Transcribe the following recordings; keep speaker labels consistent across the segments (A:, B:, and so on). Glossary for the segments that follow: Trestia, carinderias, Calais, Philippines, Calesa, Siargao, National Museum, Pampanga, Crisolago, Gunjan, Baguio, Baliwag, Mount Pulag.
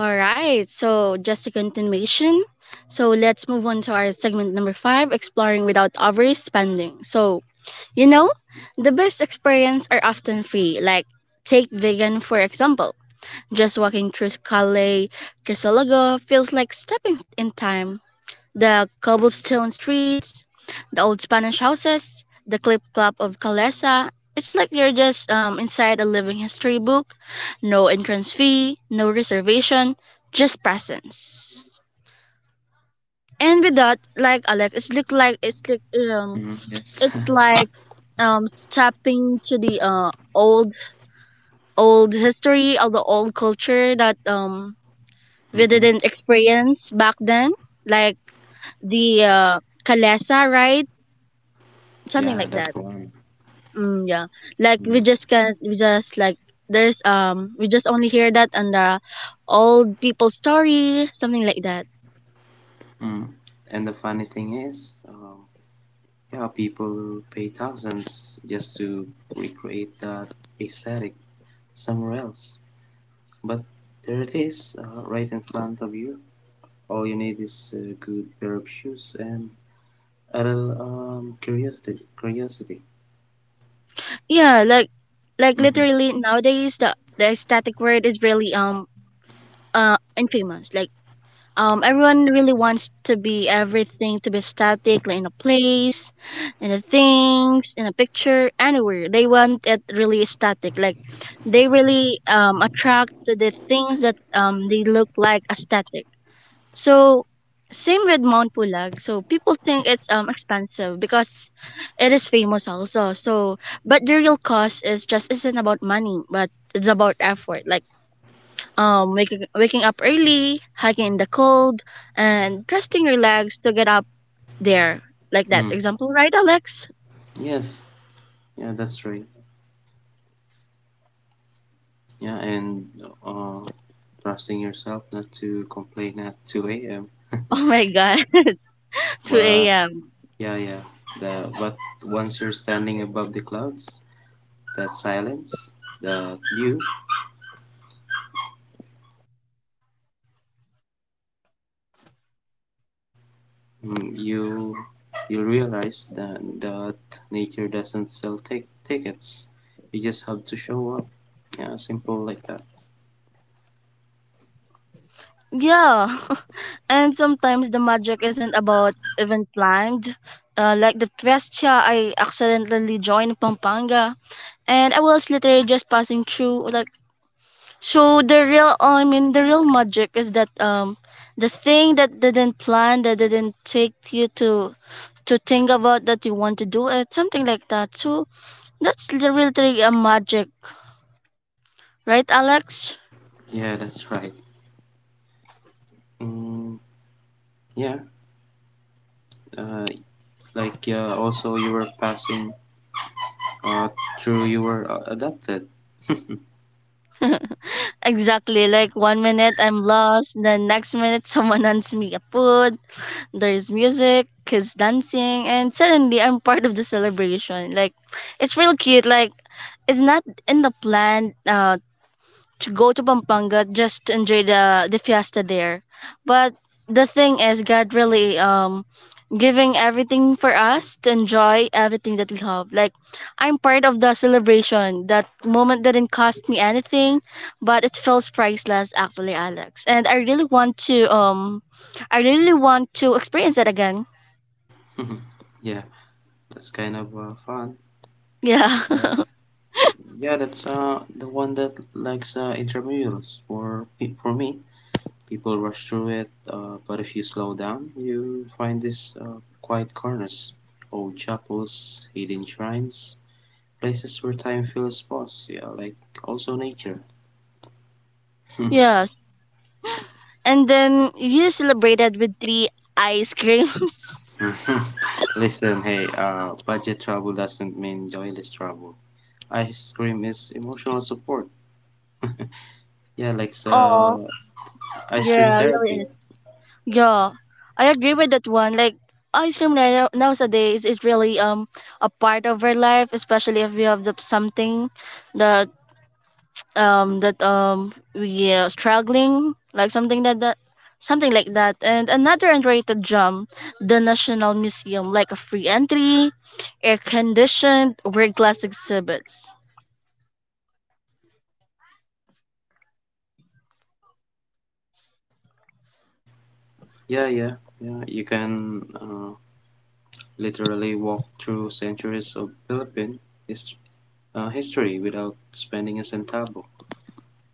A: All right, so just a continuation. So let's move on to our segment number five exploring without overspending. So, you know, the best experiences are often free, like take vegan for example. Just walking through Calais, Crisolago feels like stepping in time the cobblestone streets, the old Spanish houses, the clip clop of Calesa. It's like you're just inside a living history book. No entrance fee, no reservation, just presence. And with that, like Alex, it's look like it's like
B: Mm, yes.
A: it's like tapping to the old history of the old culture that we
B: Mm-hmm.
A: didn't experience back then, like the Kalesa, right?
B: Yeah,
A: Something
B: that
A: like that.
B: one.
A: Mm, yeah. Like
B: Mm,
A: we just can we just like there's we just only hear that on the old people story, something like that.
B: mm. And the funny thing is, yeah, people pay thousands just to recreate that aesthetic somewhere else. But there it is, right in front of you. All you need is a good pair of shoes and a little curiosity. Curiosity.
A: Yeah, like
B: Mm-hmm.
A: literally nowadays the static word is really infamous. Like everyone really wants to be everything to be static like in a place, in a things, in a picture, anywhere. They want it really static. Like they really attract to the things that they look like aesthetic. So same with Mount Pulag. So people think it's expensive because it is famous also. So but the real cost is just isn't about money, but it's about effort. Like waking up early, hiking in the cold, and resting your legs to get up there. Like that
B: Mm.
A: example, right, Alex?
B: Yes. Yeah, that's right. Yeah, and uh, trusting yourself not to complain at 2 a.m.
A: Oh my god. 2
B: But
A: a.m.
B: yeah, yeah. The but once you're standing above the clouds, that silence, that view, mm, you realize that nature doesn't sell tickets. You just have to show up. Yeah, simple like that.
A: Yeah, and sometimes the magic isn't about even planned. Like the Trestia, I accidentally joined Pampanga, and I was literally just passing through. Like, so the real, I mean, the real magic is that the thing that didn't plan, that didn't take you to think about that you want to do it, something like that. So that's literally a magic, right, Alex?
B: Yeah, that's right. Mm, yeah, uh, also you were passing uh, through. You were adopted.
A: Exactly. Like one minute I'm lost, the next minute someone hands me a food, there's music, kids dancing, and suddenly I'm part of the celebration. Like it's real cute. Like it's not in the plan to go to Pampanga just to enjoy the fiesta there. But the thing is, God really giving everything for us to enjoy everything that we have. Like I'm part of the celebration. That moment didn't cost me anything, but it feels priceless actually, Alex. And I really want to I really want to experience it again.
B: Yeah, that's kind of fun.
A: Yeah.
B: Uh, Yeah, that's the one that likes intramurals. For me, people rush through it, but if you slow down, you find these quiet corners, old chapels, hidden shrines, places where time feels pause. Yeah, like also nature.
A: yeah. And then you celebrated with three ice creams.
B: Listen, hey, budget trouble doesn't mean joyless trouble. Ice cream is emotional support. Yeah,
A: Oh,
B: ice cream
A: yeah,
B: therapy.
A: really. Yeah, I agree with that one. Like ice cream now- nowadays is really a part of our life, especially if we have the, something that we are struggling like something that something like that. And another underrated gem, the National Museum, like a free entry, air conditioned, world class exhibits.
B: Yeah, yeah, yeah. You can. Literally walked through centuries of Philippine his, history without spending a centavo.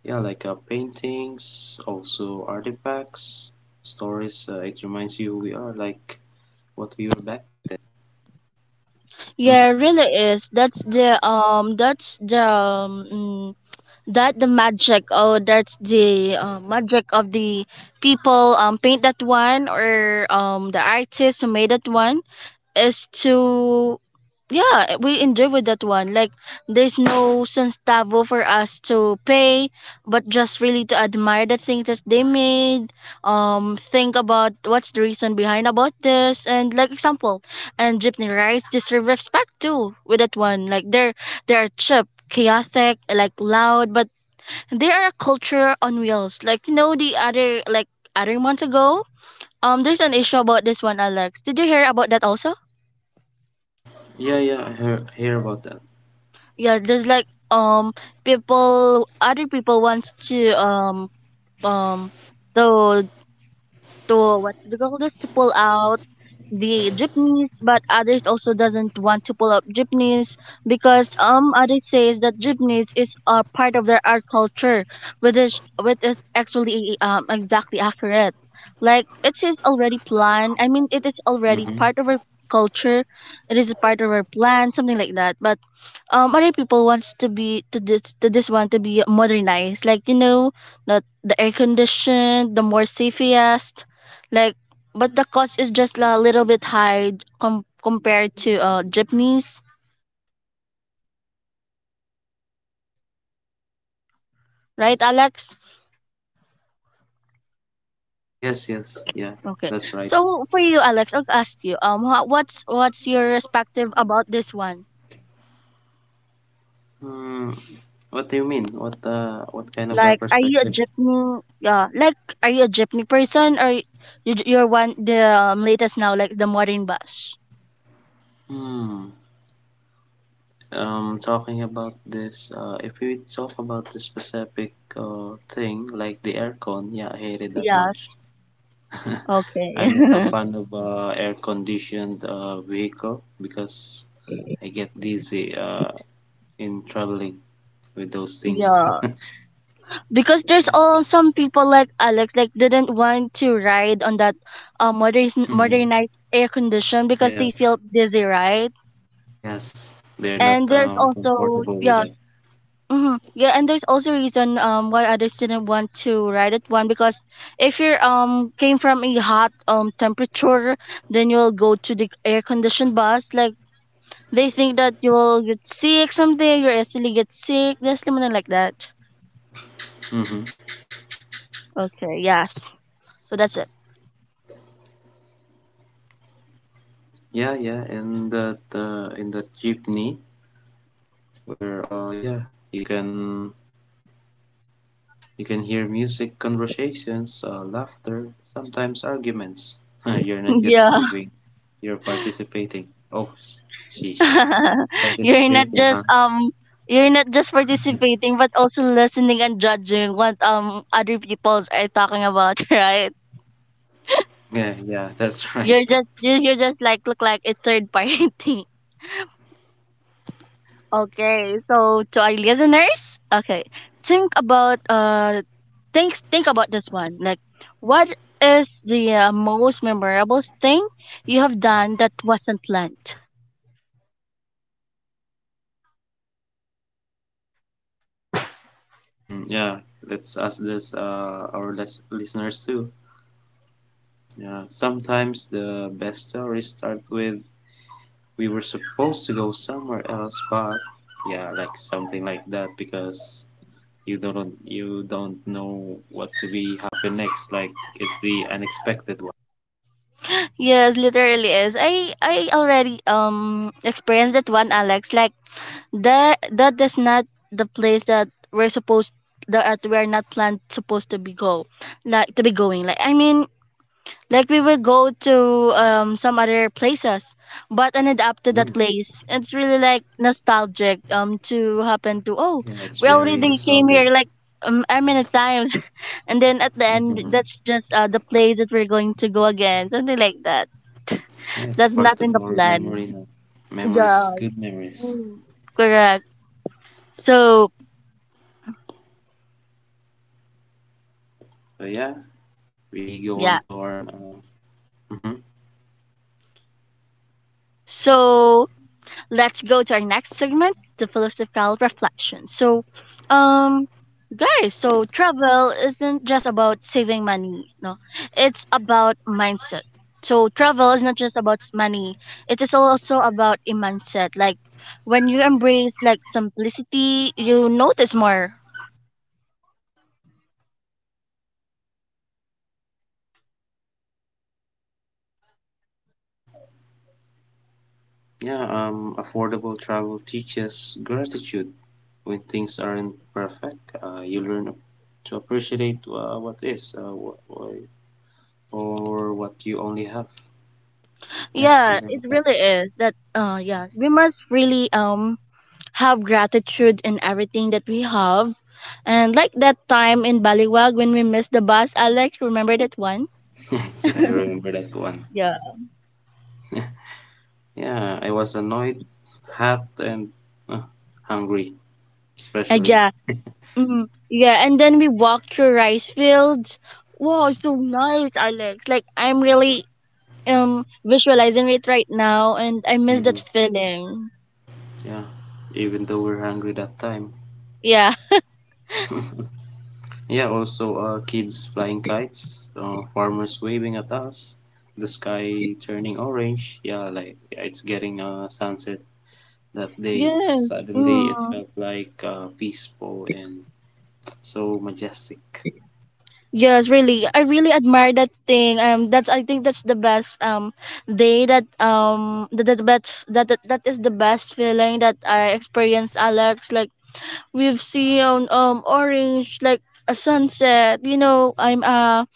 B: Yeah, paintings, also artifacts, stories. It reminds you we are like what we were back then. Mhm.
A: Yeah, it really is. That's the mm, that the magic oh that's the magic of the people paint that one or the artist who made that one is to yeah we enjoy with that one, like there's no centavo for us to pay but just really to admire the things that they made, think about what's the reason behind about this, and like example, and jeepney rides deserve respect too with that one, like they're cheap chaotic like loud but they are a culture on wheels. Like you know the other, like other months ago, there's an issue about this one, Alex. Did you hear about that also?
B: Yeah, yeah, hear about that.
A: Yeah, there's like people other people wants to um to what do you call this, to pull out the jeepneys, but others also doesn't want to pull up jeepneys because others says that jeepneys is a part of their art culture, which is actually exactly accurate. Like it is already planned. I mean, it is already
B: Hmm.
A: part of our culture. It is a part of our plan, something like that. But other people wants to be to this one to be modernized, like you know, not the air conditioned, the more safest, like, but the cost is just a little bit high compared to jeepneys, right, Alex?
B: Yes, yes, yeah,
A: Okay.
B: that's right.
A: So for you, Alex, I'll ask you, what's what's your perspective about this one?
B: Hmm, what do you mean? What kind of
A: Like,
B: a
A: are you a
B: perspective?
A: jeepney? Yeah, like, are you a jeepney person or you're one the latest now, like the modern bus?
B: Hmm. Talking about this, if we talk about the specific thing like the aircon, yeah, I hate it that
A: Yeah.
B: much. I'm not a
A: Okay.
B: fan of air conditioned vehicle because I get dizzy in traveling with those things.
A: yeah, because there's
B: Yeah.
A: all some people like Alex like didn't want to ride on that modern
B: Mm-hmm.
A: modernized air condition because they
B: Yes,
A: feel dizzy, right?
B: yes, they're not
A: And there's also
B: comfortable with
A: yeah,
B: that.
A: hmm yeah, and there's also reason why others didn't want to ride at one, because if you came from a hot temperature, then you'll go to the air conditioned bus like. They think that you will get sick someday, you actually get sick, just something like that.
B: Mm-hmm.
A: Okay, yeah. So that's it.
B: Yeah, yeah, in that jeepney where, yeah, you can. You can hear music, conversations, laughter, sometimes arguments. You're not just
A: Yeah.
B: moving, you're participating. Oh, sheesh.
A: you're not
B: Participating,
A: just
B: huh?
A: um you're not just participating but also listening and judging what other peoples are talking about, right?
B: Yeah, yeah, that's right.
A: You're just you're just like look like a third party. Okay, so to our listeners, okay, think about think about this one, like what is the most memorable thing you have done that wasn't planned.
B: Hmm, yeah, let's ask this, listeners too. Yeah, sometimes the best stories start with we were supposed to go somewhere else, but yeah, like something like that because you don't know what to be happen next. Like it's the unexpected.
A: Yes, literally is, I already experienced that one, Alex. Like that that is not the place that we're supposed, that we are not planned supposed to be go, like to be going. Like I mean, like we will go to some other places, but ended up
B: One.
A: to that
B: Hmm.
A: place. It's really like nostalgic to happen to. Oh,
B: Yeah, it's
A: we
B: very
A: already came
B: nostalgic.
A: here, like how many times, and then at the end that's
B: Hmm.
A: just the place that we're going to go again, something like that.
B: Yeah, it's
A: That's not
B: part
A: in
B: of
A: the
B: our memory
A: plan.
B: now.
A: Yeah.
B: Memories, good memories.
A: Mm. Correct. So
B: So yeah, we go on
A: yeah.
B: to our. Hmm.
A: So let's go to our next segment, the philosophical reflection. So, um, guys, so travel isn't just about saving money, no, it's about mindset. So travel is not just about money; it is also about a mindset. Like when you embrace like simplicity, you notice more.
B: Yeah, affordable travel teaches gratitude when things aren't perfect. You learn to appreciate what is, wh- wh- or what you only have. Yeah,
A: Yeah,
B: something
A: it
B: like that.
A: really is. That yeah, we must really have gratitude in everything that we have. And like that time in Baliwag when we missed the bus, Alex, remember that one?
B: Yeah, I remember that one.
A: Yeah.
B: Yeah, I was annoyed, hot, and uh, hungry, especially.
A: Yeah. Mm, yeah, and then we walked through rice fields. Wow, so nice, Alex. Like I'm really visualizing it right now and I miss that
B: Hmm.
A: feeling.
B: Yeah, even though we're hungry that time.
A: Yeah.
B: Yeah, also kids flying kites, farmers waving at us, the sky turning orange. Yeah, like yeah, it's getting sunset that day.
A: Yeah.
B: Suddenly, it
A: Mm.
B: felt like peaceful and so majestic.
A: Yes, really. I really admire that thing. That's I think that's the best day that is the best feeling that I experienced, Alex. Like we've seen orange like a sunset. You know, I'm uh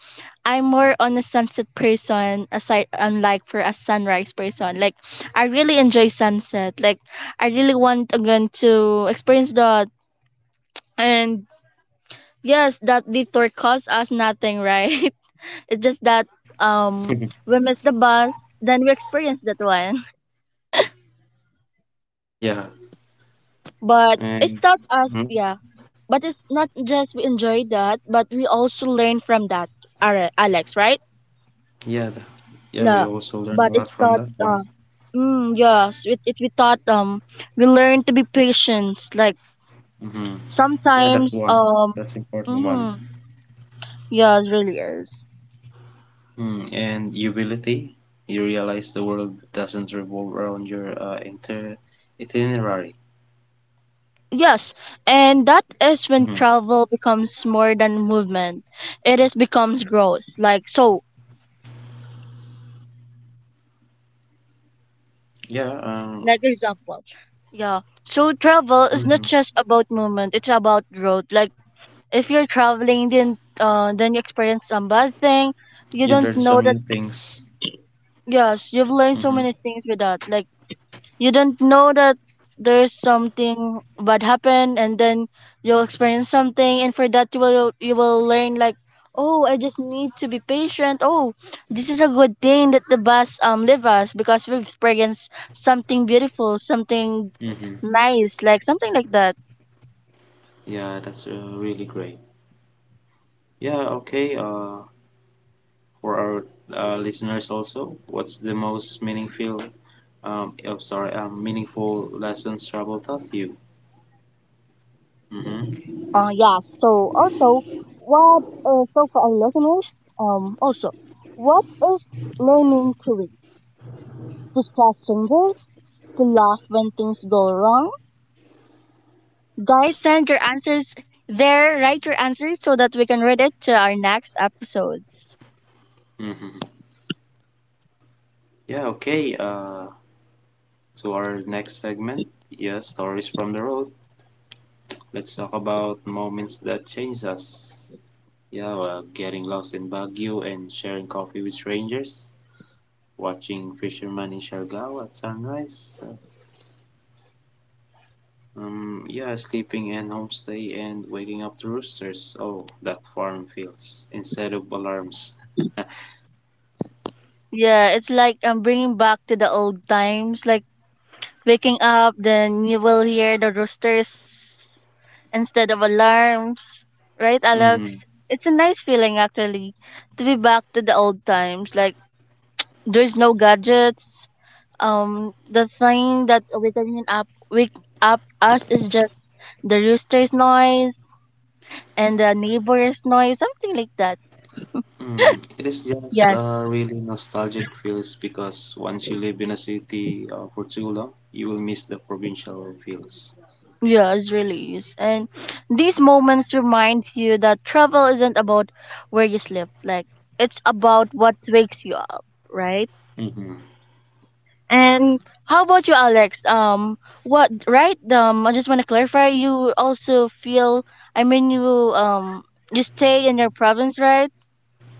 A: I'm more on a sunset person aside unlike for a sunrise person. Like I really enjoy sunset. Like I really want again to experience that, and yes that detour cost us nothing, right? It's just that um we missed the bus, then we experienced that one.
B: Yeah,
A: But it
B: and
A: taught us,
B: hmm.
A: yeah. But it's not just we enjoy that, but we also learn from that, Alex, right?
B: Yeah, the, yeah. We
A: Yeah.
B: also learned a
A: But
B: lot
A: it
B: from that
A: taught,
B: one.
A: mm, yes, it we taught we learn to be patient. Like
B: Mm-hmm. Yeah, that's
A: sometimes
B: one. That's important one.
A: mm, yeah, it really is.
B: Mm, and ubility, you realize the world doesn't revolve around your inter itinerary.
A: Yes, and that is when
B: Hmm.
A: travel becomes more than movement. It is becomes growth. Like so,
B: Yeah,
A: like example. Yeah. So travel is
B: hmm.
A: not just about movement, it's about growth. Like if you're traveling then you experience some bad thing,
B: You learn
A: you
B: some
A: don't
B: new
A: know that
B: things.
A: yes, you've learned
B: Hmm.
A: so many things with that. Like you don't know that there's something bad happen and then you'll experience something, and for that you will learn, like oh I just need to be patient. Oh, this is a good thing that the bus leave us, because we've experienced something beautiful, something
B: Hmm.
A: nice, like something like that.
B: Yeah, that's really great. Yeah, okay. For our listeners also, what's the most meaningful, oh, sorry, meaningful lessons travel taught you? Hmm.
A: Yeah, so also what, so for our listeners also, what is learning to read, discuss changes, to laugh when things go wrong. Guys, send your answers there. Write your answers so that we can read it to our next episode.
B: Hmm. Yeah, okay. To our next segment. Yeah, stories from the road. Let's talk about moments that changed us. Yeah, well, getting lost in Baguio and sharing coffee with strangers, watching fishermen in Siargao at sunrise. Yeah, sleeping and homestay and waking up to roosters. Oh, that farm feels instead of alarms.
A: Yeah, it's like bringing back to the old times, like waking up, then you will hear the roosters instead of alarms. Right, Alex?
B: Mm-hmm.
A: It's a nice feeling actually to be back to the old times. Like there's no gadgets. The thing that waking up, wake up us is just the rooster's noise and the neighbor's noise, something like that.
B: Mm. It is just
A: Yes,
B: a really nostalgic feels because once you live in a city for too long, you will miss the provincial feels.
A: yes, really is. And these moments remind you that travel isn't about where you sleep, like it's about what wakes you up, right?
B: Mm-hmm.
A: And how about you, Alex? What right? I just want to clarify. You also feel. I mean, you um, you stay in your province, right?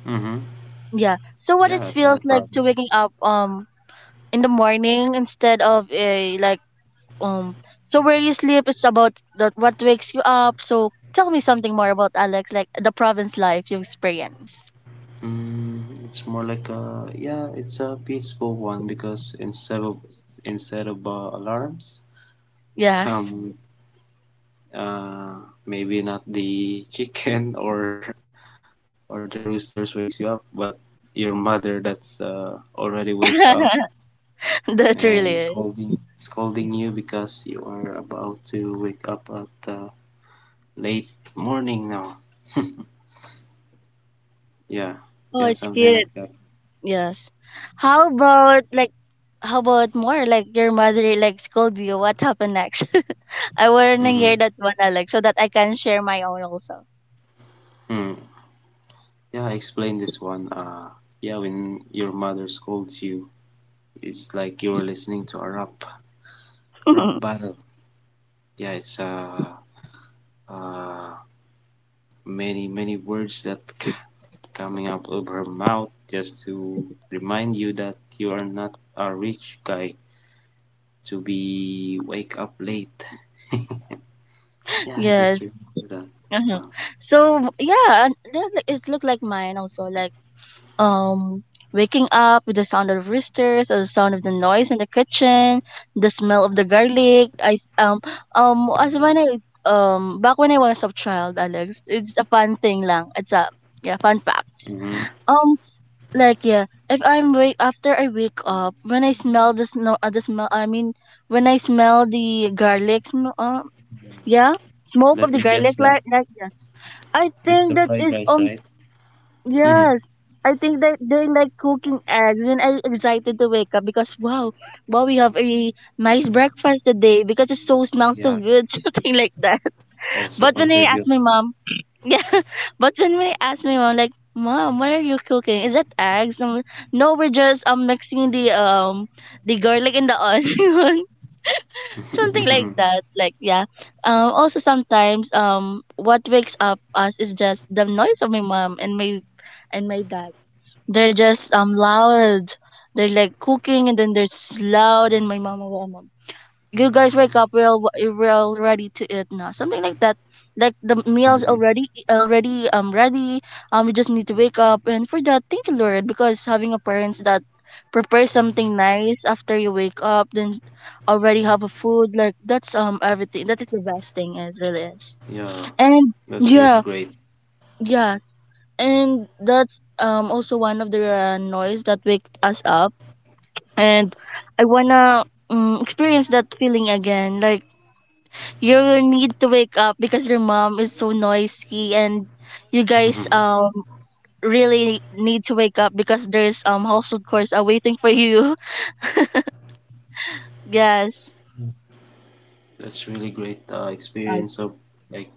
B: Mm-hmm.
A: Yeah. So, what it
B: Yeah, Town
A: feels
B: of
A: like to
B: France.
A: waking up in the morning, instead of a like um so where you sleep, it's about that what wakes you up. So tell me something more about Alex, like the province life you experience.
B: Mm, it's more like a, yeah, it's a peaceful one because instead of alarms,
A: Yes.
B: some uh maybe not the chicken or the roosters wakes you up, but your mother that's already wake up
A: That
B: and
A: really is.
B: scolding you because you are about to wake up at late morning now. Yeah, yeah,
A: Oh, it's
B: something like
A: cute.
B: that.
A: Yes. How about like, how about more like your mother like scold you, what happened next? I want to
B: Mm-hmm.
A: hear that one, Alex, so that I can share my own also.
B: Yeah, explain this one. Yeah, when your mother scolds you, it's like you're listening to a rap battle. Yeah, it's uh many words that coming out of her mouth just to remind you that you are not a rich guy to be wake up late. Yeah, I
A: Yes.
B: just remember that.
A: uh
B: Wow.
A: so yeah. And it looked like mine also, like um waking up with the sound of roosters or the sound of the noise in the kitchen, the smell of the garlic. I as when I Back when I was a child, Alex, it's a fun thing lang. It's a, yeah, fun fact.
B: Mm-hmm.
A: um like, yeah, if I'm wake, after I wake up, when I smell the snow, the smell I mean, when I smell the garlic yeah, smoke of
B: Let
A: the
B: me guess
A: garlic,
B: that
A: like, yes, I
B: it's
A: think
B: a
A: that
B: fried
A: is
B: rice,
A: on.
B: right?
A: Yes. I think that they're like cooking eggs, and I excited to wake up because wow, wow, we have a nice breakfast today because it so smells so
B: Yeah,
A: good. Something like that.
B: also
A: But when I ask my
B: contributes.
A: mom, yeah, but when I ask my mom, like, mom, what are you cooking? Is that eggs? No, no, we're just mixing the the garlic and the onion, something like that. Like, yeah. Also sometimes what wakes up us is just the noise of my mom and my dad. They're just loud. They're like cooking, and then they're just loud, and my mama will you guys wake up, we're all ready to eat now, something like that. Like, the meals
B: Mhm.
A: already ready. We just need to wake up, and for that, thank you, lord, because having a parents that prepare something nice after you wake up, then already have a food, like, that's everything, that's the best thing, it really is.
B: Yeah,
A: And
B: that's really
A: yeah.
B: great.
A: Yeah. And that's also one of the noise that wake us up. And I wanna experience that feeling again, like, you need to wake up because your mom is so noisy and you guys really need to wake up because there's household chores are waiting for you. Yes.
B: Mm. That's really great experience of like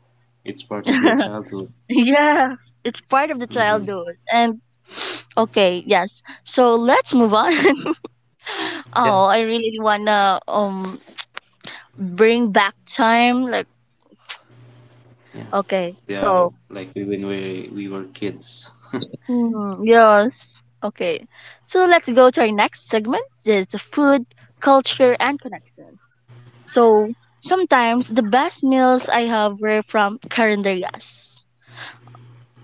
B: it's part of your childhood.
A: Yeah, it's part of the
B: Hmm.
A: childhood. And okay, yes, so let's move on.
B: Yeah,
A: Oh, I really wanna bring back time, like,
B: yeah.
A: okay,
B: Yeah,
A: so.
B: like we when we were kids.
A: Mm, yes. Okay, so let's go to our next segment, it's food, culture, and connections. So sometimes the best meals I have were from carinderias.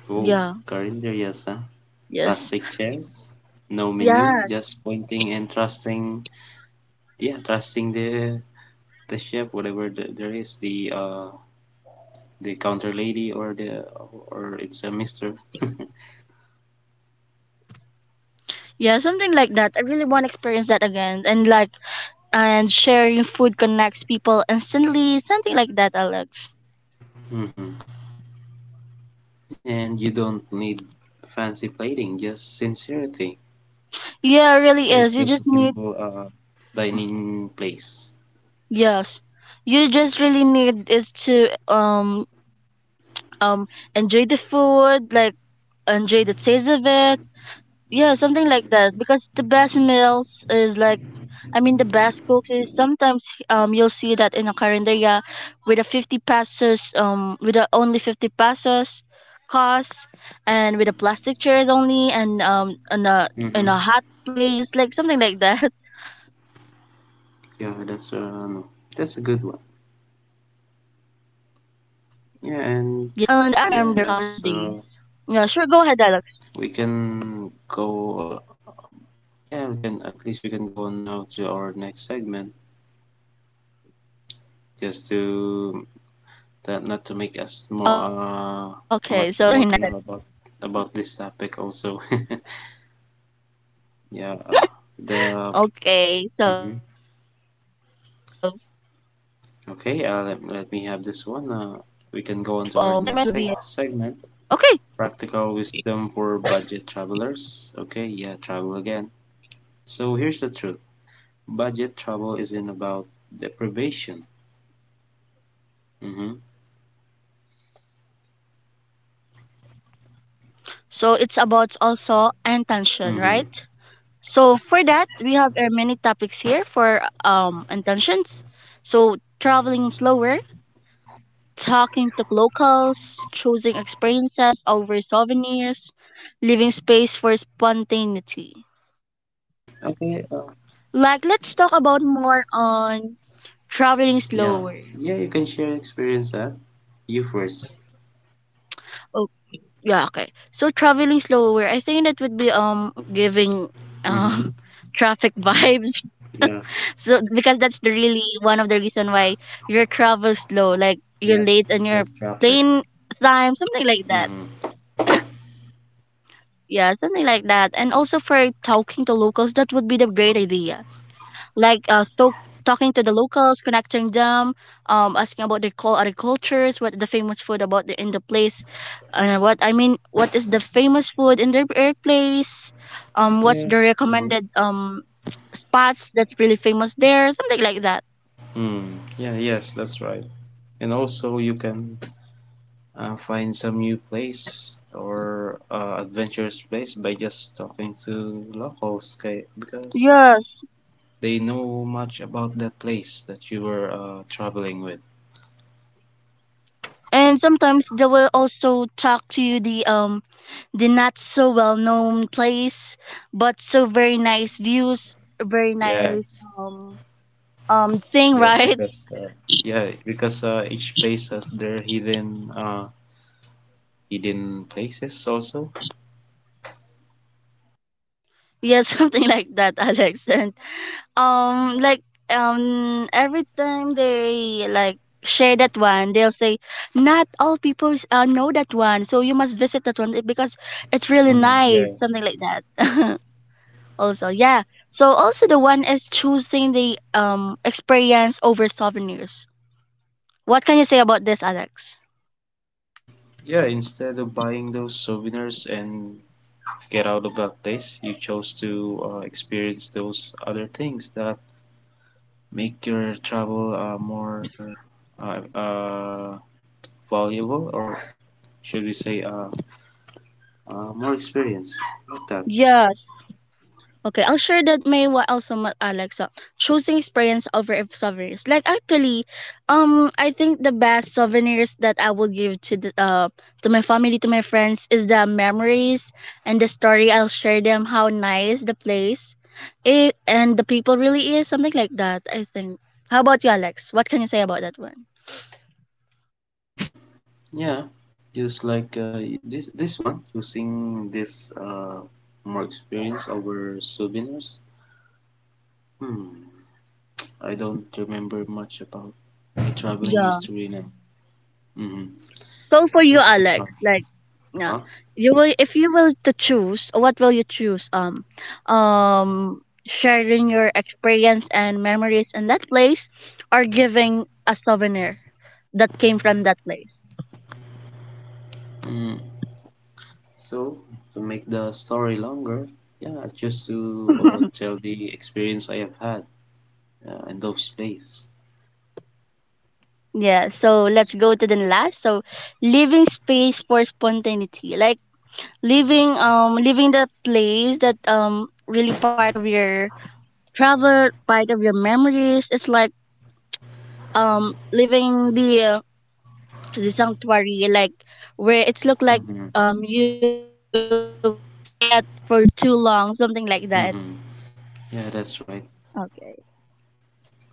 B: Oh,
A: Yeah.
B: calendar, yes, huh?
A: Yes.
B: Plastic chairs, no menu,
A: Yeah.
B: just pointing and trusting. Yeah, trusting the chef, whatever the, there is, the counter lady or the or it's a mister.
A: Yeah, something like that, I really want to experience that again. And like, and sharing food connects people instantly, something like that, I like.
B: Hmm. And you don't need fancy plating, just sincerity.
A: Yeah, it really
B: Yeah, it's
A: is, you
B: just a
A: just need.
B: simple dining place.
A: Yes, you just really need is to um enjoy the food, like, enjoy the taste of it. Yeah, something like that, because the best meals is like, I mean, the best cook is sometimes you'll see that in a carinderia, with a 50 pesos with a only 50 pesos cost, and with a plastic chairs only, and on a, in
B: Mm-hmm.
A: a hot place, like, something like that.
B: Yeah, that's no, that's a good one.
A: Yeah. And
B: Yeah,
A: I
B: and
A: remember when I college
B: yeah,
A: days.
B: so
A: Yeah, sure, go ahead, Alex.
B: we can go. Uh, yeah, we can at least we can go on now to our next segment, just
A: Okay,
B: to
A: so let's go to our
B: that
A: next
B: not to make
A: segment.
B: us more much emotional about this topic also. Yeah, the
A: Okay, so.
B: mhm.
A: Okay.
B: Okay,
A: So,
B: let me have this
A: for our
B: one.
A: next
B: We
A: segment, that
B: can go
A: would
B: on to
A: be
B: our next segment.
A: okay.
B: Practical Wisdom for Budget Travelers. Okay, yeah, travel again. So here's the truth, budget travel isn't about deprivation. Mm-hmm.
A: So it's about also intention,
B: Mm-hmm.
A: right? So for that, we have our many topics here for intentions. So, traveling slower, talking to locals, choosing experiences over souvenirs, leaving space for spontaneity.
B: Okay,
A: Like, let's talk about more on traveling
B: yeah.
A: slower.
B: Yeah, you can share experience that. You first.
A: Yeah, okay. So traveling slower, I think that would be giving
B: Mm-hmm.
A: um traffic vibes.
B: Yeah,
A: So because that's the really one of the reason why your travel slow, like, you're
B: yeah.
A: late on your
B: That's traffic.
A: plane time, something like that.
B: Mm-hmm.
A: Yeah, something like that. And also for talking to locals, that would be the great idea, like so talking to the locals, connecting them, asking about their call, other cultures, what the famous food about the in the place, what I mean, what is the famous food in their air place, what's the
B: Yeah. Mm-hmm.
A: recommended spots that's really famous there, something like that.
B: Mm. Yeah, yes, that's right. And also you can find some new place or adventurous place by just talking to locals kay, because
A: Yes,
B: they know much about that place that you were traveling with.
A: and sometimes they will also talk to you the the not so well known place, but so very nice views, very nice
B: Yes,
A: um thing,
B: yes,
A: right?
B: because each place has their hidden places also.
A: Yeah, something like that, Alex. And like, every time they like share that one, they'll say, "Not all people know that one, so you must visit that one because it's really
B: Mm, yeah,
A: nice." Something like that. Also, yeah. So also the one is choosing the experience over souvenirs. What can you say about this, Alex?
B: yeah. Instead of buying those souvenirs and get out of that place, you chose to experience those other things that make your travel more uh, uh, valuable or should we say more experience like that.
A: Yeah, okay, I'm sure that may what also Alexa, choosing experience over if souvenirs. Like, actually, I think the best souvenirs that I will give to the to my family, to my friends is the memories and the story. I'll share them how nice the place, it and the people really is, something like that, I think. How about you, Alex? What can you say about that one?
B: Yeah, just like this one using this, more experience over souvenirs. Hmm. I don't remember much about my traveling history now. Hmm.
A: So for you,
B: Yeah, I'm so sorry.
A: Alex, like, yeah,
B: Uh-huh.
A: you will, if you will to choose, what will you choose? Sharing your experience and memories in that place, or giving a souvenir that came from that place.
B: Mm. So to make the story longer, yeah, just to tell the experience I have had in those days.
A: Yeah. So let's go to the last. So, leaving space for spontaneity, like leaving the place that really part of your travel, part of your memories. It's like leaving the the sanctuary, like, where it's look like
B: Mm-hmm.
A: you've stayed at for too long, something like that.
B: Hmm. Yeah, that's right.
A: Okay.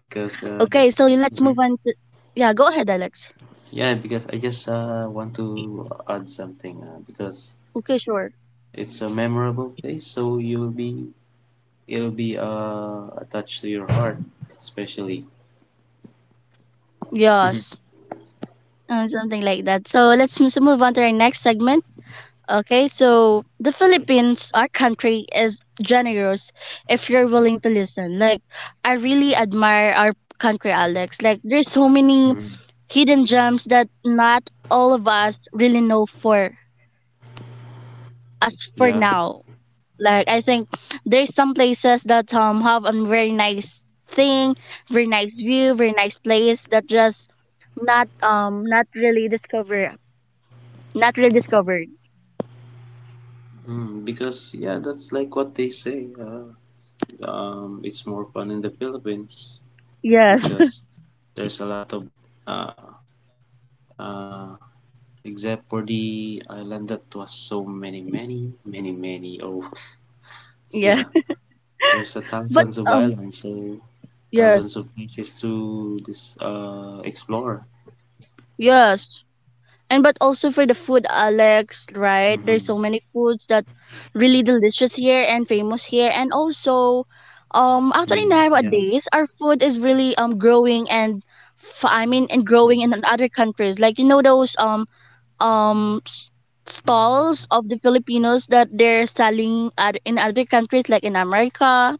B: Because
A: Okay, so
B: hmm,
A: let's move on to, yeah, go ahead, Alex.
B: yeah, because I just want to add something because
A: Okay, sure.
B: it's a memorable place, so you'll be it'll be attached to your heart, especially.
A: Yes. Something like that, so let's so move on to our next segment. Okay, so the Philippines, our country, is generous if you're willing to listen. Like, I really admire our country, Alex, like there's so many
B: Hmm.
A: hidden gems that not all of us really know for as for
B: Yeah,
A: now. Like, I think there's some places that have a very nice thing, very nice view, very nice place that just not not really discover, not really discovered.
B: mm, because yeah, that's like what they say. It's more fun in the Philippines
A: Yes.
B: because there's a lot of uh, uh, except for the island that was so many, many, many, many. Oh,
A: Yes.
B: yeah, there's a
A: But
B: thousands of islands, so
A: yes.
B: thousands of places to this explore.
A: Yes. And but also for the food, Alex, right, there's
B: Mm-hmm.
A: so many foods that really delicious here and famous here, and also actually
B: Mm, yeah,
A: nowadays our food is really growing, and I mean, and
B: yeah.
A: growing in other countries. Like, you know, those um s- stalls of the Filipinos that they're selling at, in other countries, like in America.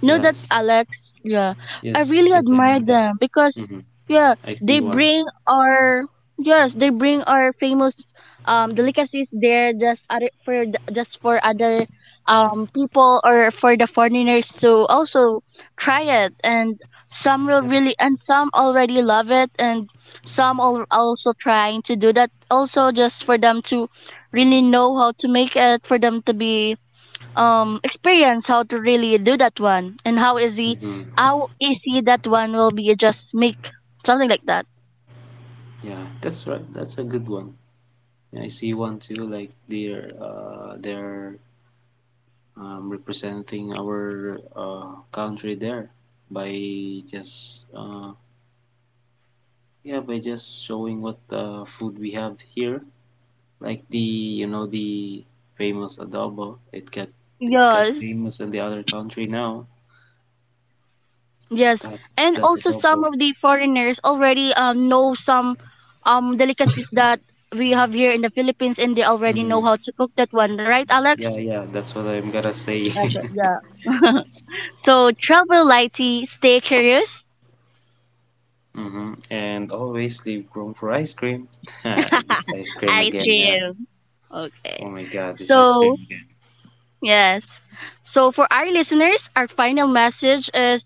A: You know that,
B: Yes,
A: Alex? Yeah, I
B: yes,
A: really
B: yes. I
A: admire
B: know that.
A: them because
B: Mm-hmm.
A: yeah,
B: I see
A: they
B: one.
A: bring our, yes, they bring our famous delicacies there, just other, for the, just for other people, or for the foreigners to also try it, and some will
B: Yeah.
A: really, and some already love it, and some are also trying to do that also, just for them to really know how to make it, for them to be experience how to really do that one and
B: Mm-hmm.
A: how easy that one will be, just make, something like that.
B: Yeah, that's right. That's a good one. Yeah, I see one too. Like they're representing our country there by just yeah, by just showing what food we have here, like the you know the famous adobo. It got
A: Yes.
B: famous in the other country now.
A: Yes.
B: That
A: And
B: that
A: also some
B: adobo.
A: of the foreigners already know some delicacies that we have here in the Philippines, and they already know how
B: Hmm.
A: to cook that one, right,
B: Yeah,
A: Alex?
B: yeah, that's what I'm gonna say.
A: Yeah, sure. Yeah. So travel lighty, stay curious.
B: Hmm, and always leave room for ice cream. This ice cream
A: I
B: again, huh?
A: too. Okay,
B: Oh my God, this ice cream
A: so.
B: again.
A: Yes. So for our listeners, our final message is,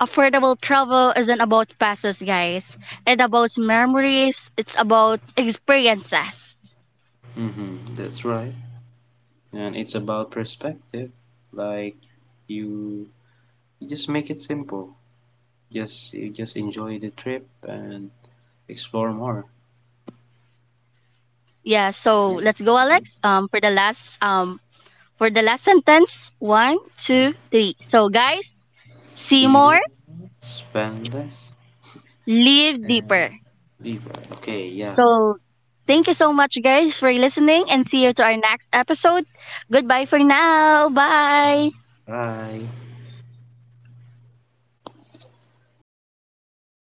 A: affordable travel isn't about passes, guys. It's about memories. It's about experiences.
B: Mm-hmm, that's right. And it's about perspective. Like you, you just make it simple. Just you just enjoy the trip and explore more.
A: Yeah. So
B: Yeah,
A: let's go,
B: hmm,
A: Alex. For the last sentence, one, two, three. So guys, see
B: see
A: more,
B: more, spend less,
A: live deeper.
B: and be well. Okay, yeah.
A: So thank you so much, guys, for listening, and see you to our next episode. Goodbye for now. Bye.
B: Bye.